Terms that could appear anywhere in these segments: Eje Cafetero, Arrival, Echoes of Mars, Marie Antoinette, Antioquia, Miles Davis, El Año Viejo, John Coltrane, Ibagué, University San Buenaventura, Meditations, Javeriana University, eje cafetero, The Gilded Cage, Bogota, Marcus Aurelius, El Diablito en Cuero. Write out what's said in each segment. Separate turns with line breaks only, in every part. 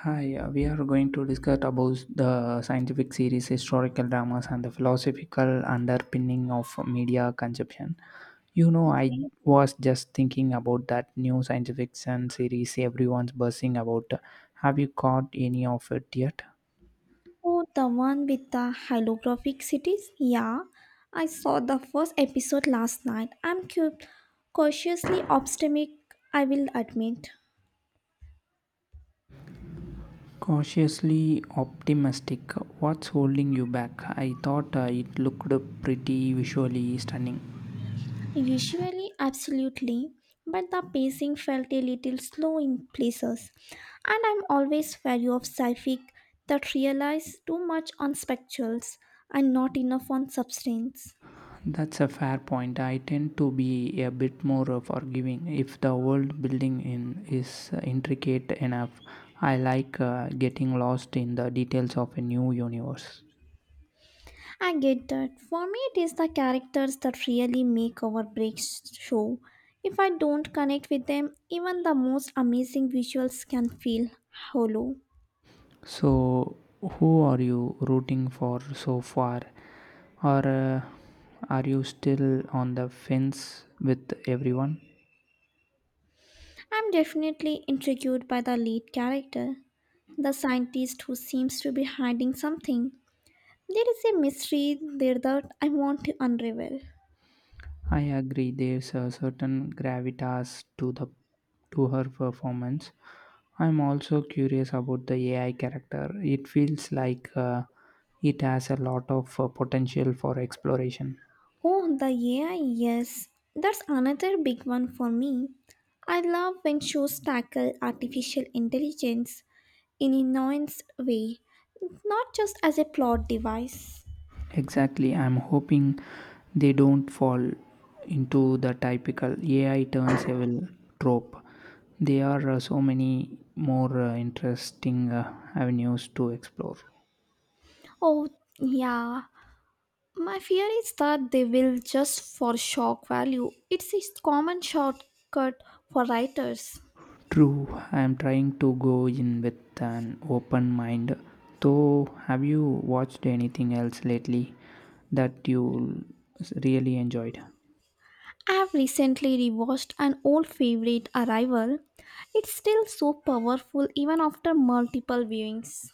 Hi, we are going to discuss about the scientific series, historical dramas, and the philosophical underpinning of media consumption. You know, I
Okay.
was just thinking about that new science fiction series everyone's buzzing about. Have you caught any of it yet?
Oh, the one with the holographic cities? Yeah, I saw the first episode last night. I'm cautiously optimistic, I will admit.
Cautiously optimistic. What's holding you back? I thought it looked pretty visually stunning.
Visually, absolutely, but the pacing felt a little slow in places. And I'm always wary of sci-fi that relies too much on spectacles and not enough on substance.
That's a fair point. I tend to be a bit more forgiving if the world building in is intricate enough. I like getting lost in the details of a new universe.
I get that. For me, it is the characters that really make or break show. If I don't connect with them, even the most amazing visuals can feel hollow.
So, who are you rooting for so far? Or are you still on the fence with everyone?
I'm definitely intrigued by the lead character, the scientist who seems to be hiding something. There is a mystery there that I want to unravel.
I agree. There's a certain gravitas to the to her performance. I'm also curious about the AI character. It feels like it has a lot of potential for exploration.
Oh, the AI, yes. That's another big one for me. I love when shows tackle artificial intelligence in a nuanced way, not just as a plot device.
Exactly. I'm hoping they don't fall into the typical AI turns evil trope. There are so many more interesting avenues to explore.
Oh, yeah. My fear is that they will just for shock value. It's a common shortcut for writers.
True, I am trying to go in with an open mind. So, have you watched anything else lately that you really enjoyed?
I have recently rewatched an old favorite, Arrival. It's still so powerful even after multiple viewings.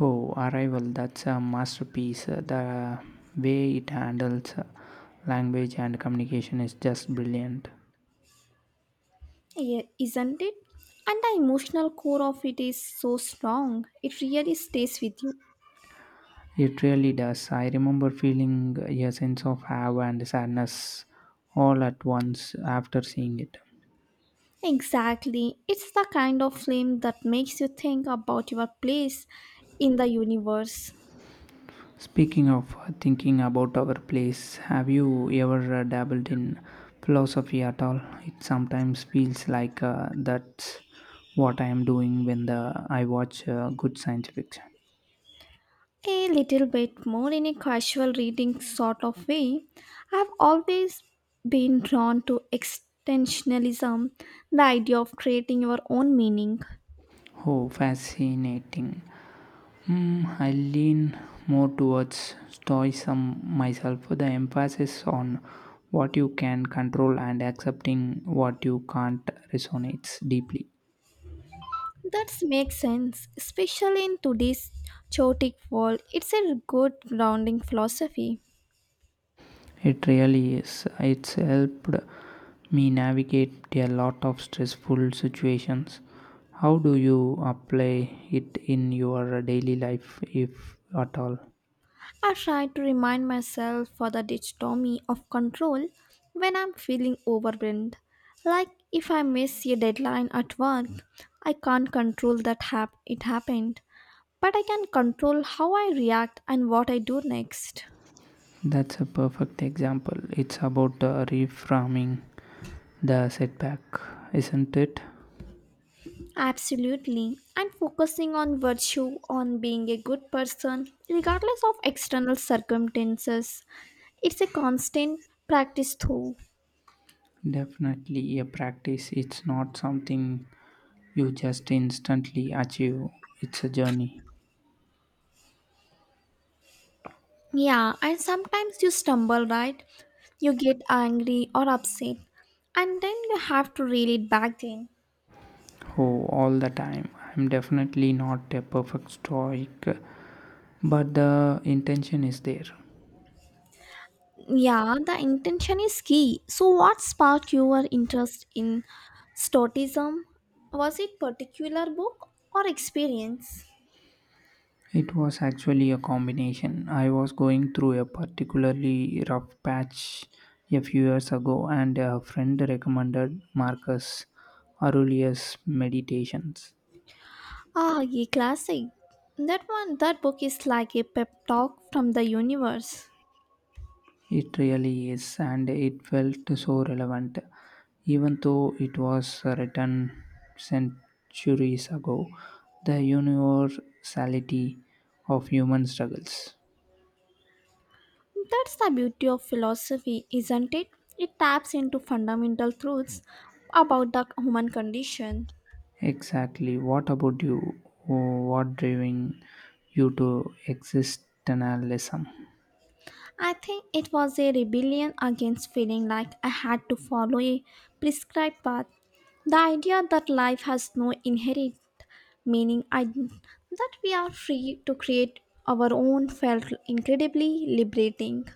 Oh, Arrival, that's a masterpiece. The way it handles language and communication is just brilliant.
Yeah, isn't it? And the emotional core of it is so strong, it really stays with you.
It really does. I remember feeling a sense of awe and sadness all at once after seeing it.
Exactly. It's the kind of film that makes you think about your place in the universe.
Speaking of thinking about our place, have you ever dabbled in philosophy at all? It sometimes feels like that's what I am doing when I watch good science fiction.
A little bit more in a casual reading sort of way. I've always been drawn to extensionalism, the idea of creating your own meaning.
Oh, fascinating. Hmm, I lean more towards stoicism myself, the emphasis on what you can control and accepting what you can't resonates deeply.
That makes sense, especially in today's chaotic world. It's a good grounding philosophy.
It really is. It's helped me navigate a lot of stressful situations. How do you apply it in your daily life, if at all?
I try to remind myself for the dichotomy of control when I'm feeling overwhelmed. Like if I miss a deadline at work, I can't control that it happened, but I can control how I react and what I do next.
That's a perfect example. It's about reframing the setback, isn't it?
Absolutely. And focusing on virtue, on being a good person, regardless of external circumstances, it's a constant practice though.
Definitely a practice. It's not something you just instantly achieve, it's a journey.
Yeah, and sometimes you stumble, right? You get angry or upset, and then you have to reel it back in.
Oh, all the time. I'm definitely not a perfect stoic but the intention is there.
Yeah, the intention is key. So, what sparked your interest in Stoicism? Was it particular book or experience?
It was actually a combination. I was going through a particularly rough patch a few years ago, and a friend recommended Marcus Aurelius' Meditations.
Ah, ye classic. That one, that book is like a pep talk from the universe.
It really is, and it felt so relevant. Even though it was written centuries ago, the universality of human struggles.
That's the beauty of philosophy, isn't it? It taps into fundamental truths about the human condition.
Exactly. What about you? What driving you to existentialism?
I think it was a rebellion against feeling like I had to follow a prescribed path. The idea that life has no inherent meaning, that we are free to create our own, felt incredibly liberating.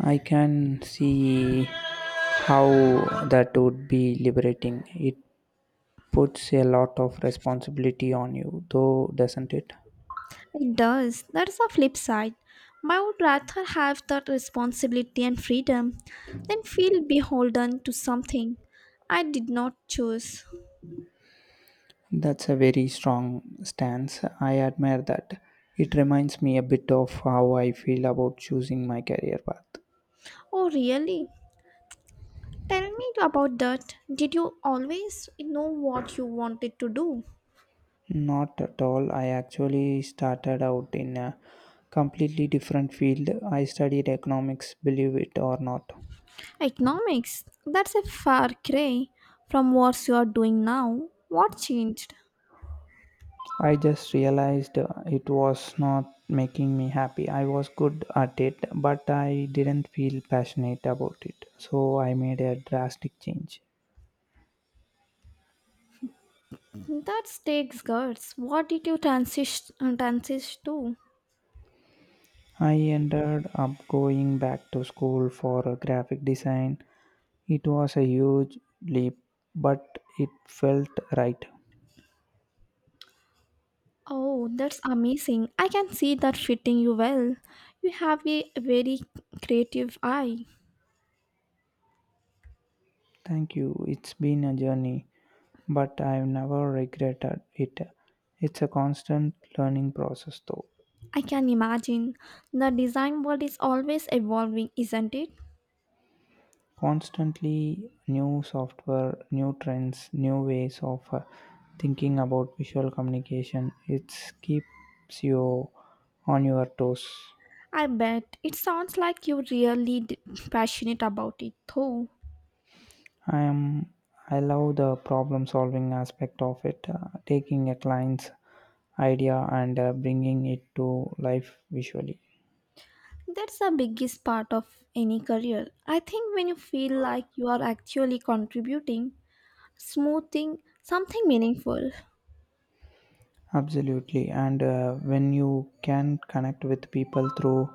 I can see how that would be liberating. It puts a lot of responsibility on you, though, doesn't it?
It does. That's the flip side. But I would rather have that responsibility and freedom than feel beholden to something I did not choose.
That's a very strong stance. I admire that. It reminds me a bit of how I feel about choosing my career path.
Oh, really? Tell me about that. Did you always know what you wanted to do?
Not at all. I actually started out in a completely different field. I studied economics, believe it or not.
Economics. That's a far cry from what you are doing now. What changed?
I just realized it was not making me happy. I was good at it, but I didn't feel passionate about it. So I made a drastic change.
That takes guts. What did you transition to?
I ended up going back to school for graphic design. It was a huge leap, but it felt right.
Oh, that's amazing. I can see that fitting you well. You have a very creative eye.
Thank you. It's been a journey. But I've never regretted it. It's a constant learning process, though.
I can imagine. The design world is always evolving, isn't it?
Constantly new software, new trends, new ways of thinking about visual communication. It keeps you on your toes.
I bet. It sounds like you're really passionate about it, though.
I am. I love the problem solving aspect of it, taking a client's idea and bringing it to life visually.
That's the biggest part of any career. I think when you feel like you are actually contributing, smoothing something meaningful.
Absolutely, and when you can connect with people through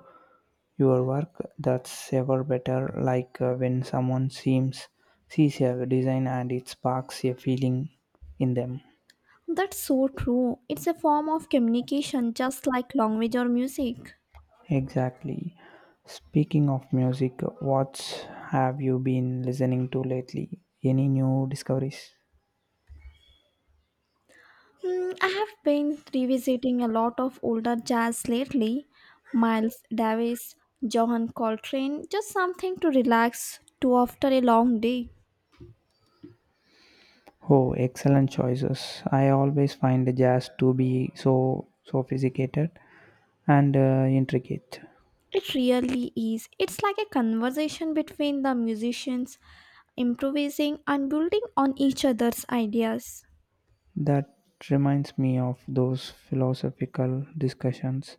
Your work that's ever better like when someone seems sees a design and it sparks a feeling in them.
That's so true. It's a form of communication just like language or music.
Exactly. Speaking of music, what have you been listening to lately? Any new discoveries?
I have been revisiting a lot of older jazz lately. Miles Davis, Johan Coltrane, just something to relax to after a long day.
Oh, excellent choices. I always find the jazz to be so sophisticated and intricate.
It really is. It's like a conversation between the musicians, improvising and building on each other's ideas.
That reminds me of those philosophical discussions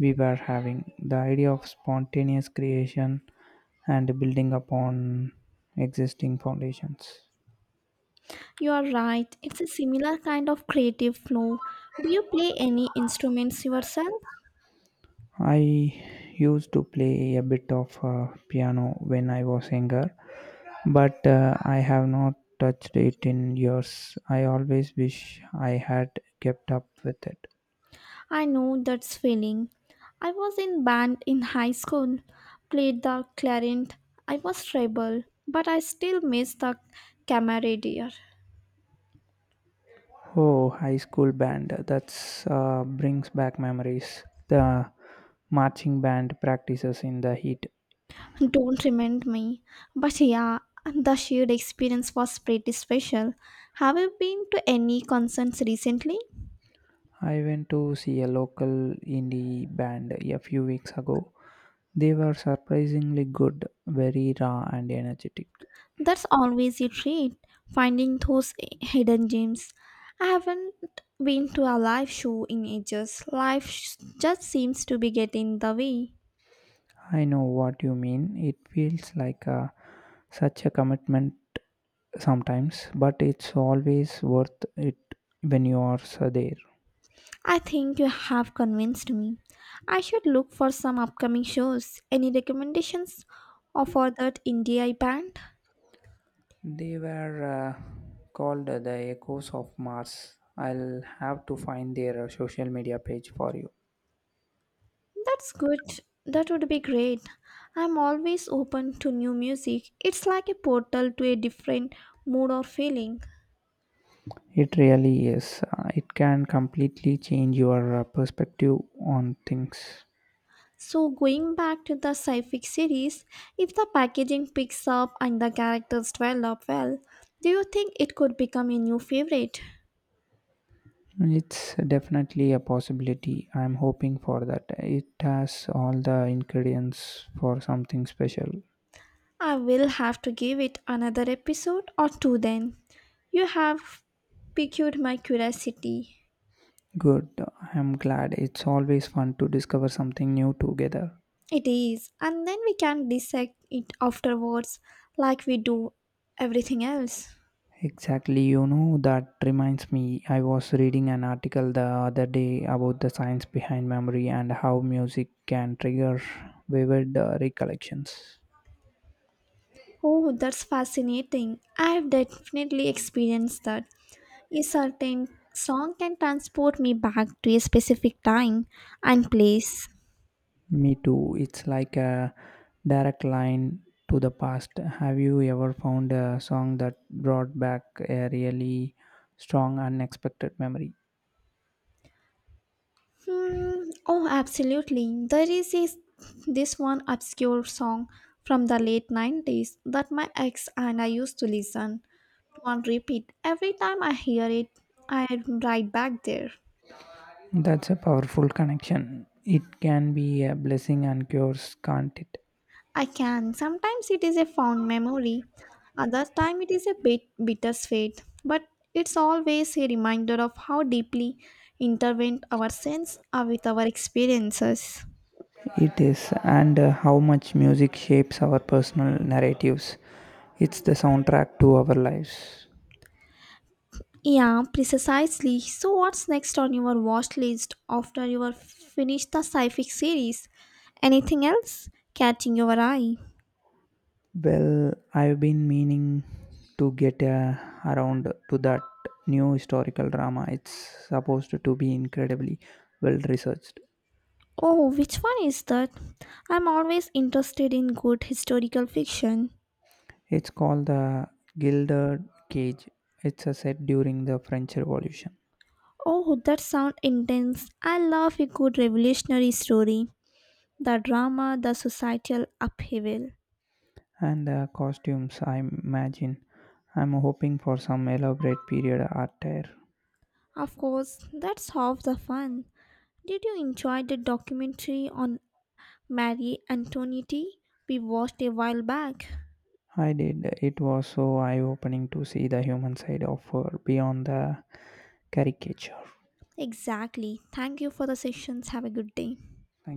we were having the idea of spontaneous creation and building upon existing foundations.
You are right, it's a similar kind of creative flow. Do you play any instruments yourself?
I used to play a bit of piano when I was younger, but I have not touched it in years. I always wish I had kept up with it.
I know that's feeling. I was in band in high school, played the clarinet. I was rebel, but I still miss the camaraderie.
Oh, high school band. That's brings back memories. The marching band practices in the heat,
Don't remind me. But yeah, the shared experience was pretty special. Have you been to any concerts recently?
I went to see a local indie band a few weeks ago. They were surprisingly good, very raw and energetic.
That's always a treat, finding those hidden gems. I haven't been to a live show in ages. Life just seems to be getting in the way.
I know what you mean. It feels like such a commitment sometimes, but it's always worth it when you are so there.
I think you have convinced me. I should look for some upcoming shows. Any recommendations for that indie band?
They were called the Echoes of Mars. I'll have to find their social media page for you.
That's good. That would be great. I'm always open to new music. It's like a portal to a different mood or feeling.
It really is. It can completely change your perspective on things.
So, going back to the sci fi series, if the packaging picks up and the characters develop well, do you think it could become a new favorite?
It's definitely a possibility. I'm hoping for that. It has all the ingredients for something special.
I will have to give it another episode or two then. You have piqued my curiosity.
Good. I'm glad. It's always fun to discover something new together.
It is, and then we can dissect it afterwards like we do everything else.
Exactly, you know, that reminds me. I was reading an article the other day about the science behind memory and how music can trigger vivid recollections.
Oh, that's fascinating. I have definitely experienced that. A certain song can transport me back to a specific time and place.
Me too. It's like a direct line to the past. Have you ever found a song that brought back a really strong, unexpected memory?
Hmm, oh, absolutely. There is this one obscure song from the late 90s that my ex and I used to listen to on repeat. Every time I hear it, I am right back there.
That's a powerful connection. It can be a blessing and curse, can't it?
I can. Sometimes it is a fond memory, other time it is a bit bittersweet, but it's always a reminder of how deeply intertwined our sense are with our experiences.
It is, and how much music shapes our personal narratives. It's the soundtrack to our lives.
Yeah, precisely. So, what's next on your watch list after you are finished the sci-fi series? Anything else catching your eye?
Well, I've been meaning to get around to that new historical drama. It's supposed to be incredibly well researched.
Oh, which one is that? I'm always interested in good historical fiction.
It's called The Gilded Cage. It's a set during the French Revolution.
Oh, that sounds intense. I love a good revolutionary story. The drama, the societal upheaval.
And the costumes, I imagine. I'm hoping for some elaborate period attire.
Of course, that's half the fun. Did you enjoy the documentary on Marie Antoinette we watched a while back?
I did. It was so eye opening to see the human side of her beyond the caricature. Thank
Exactly. Thank you for the sessions. Have a good day.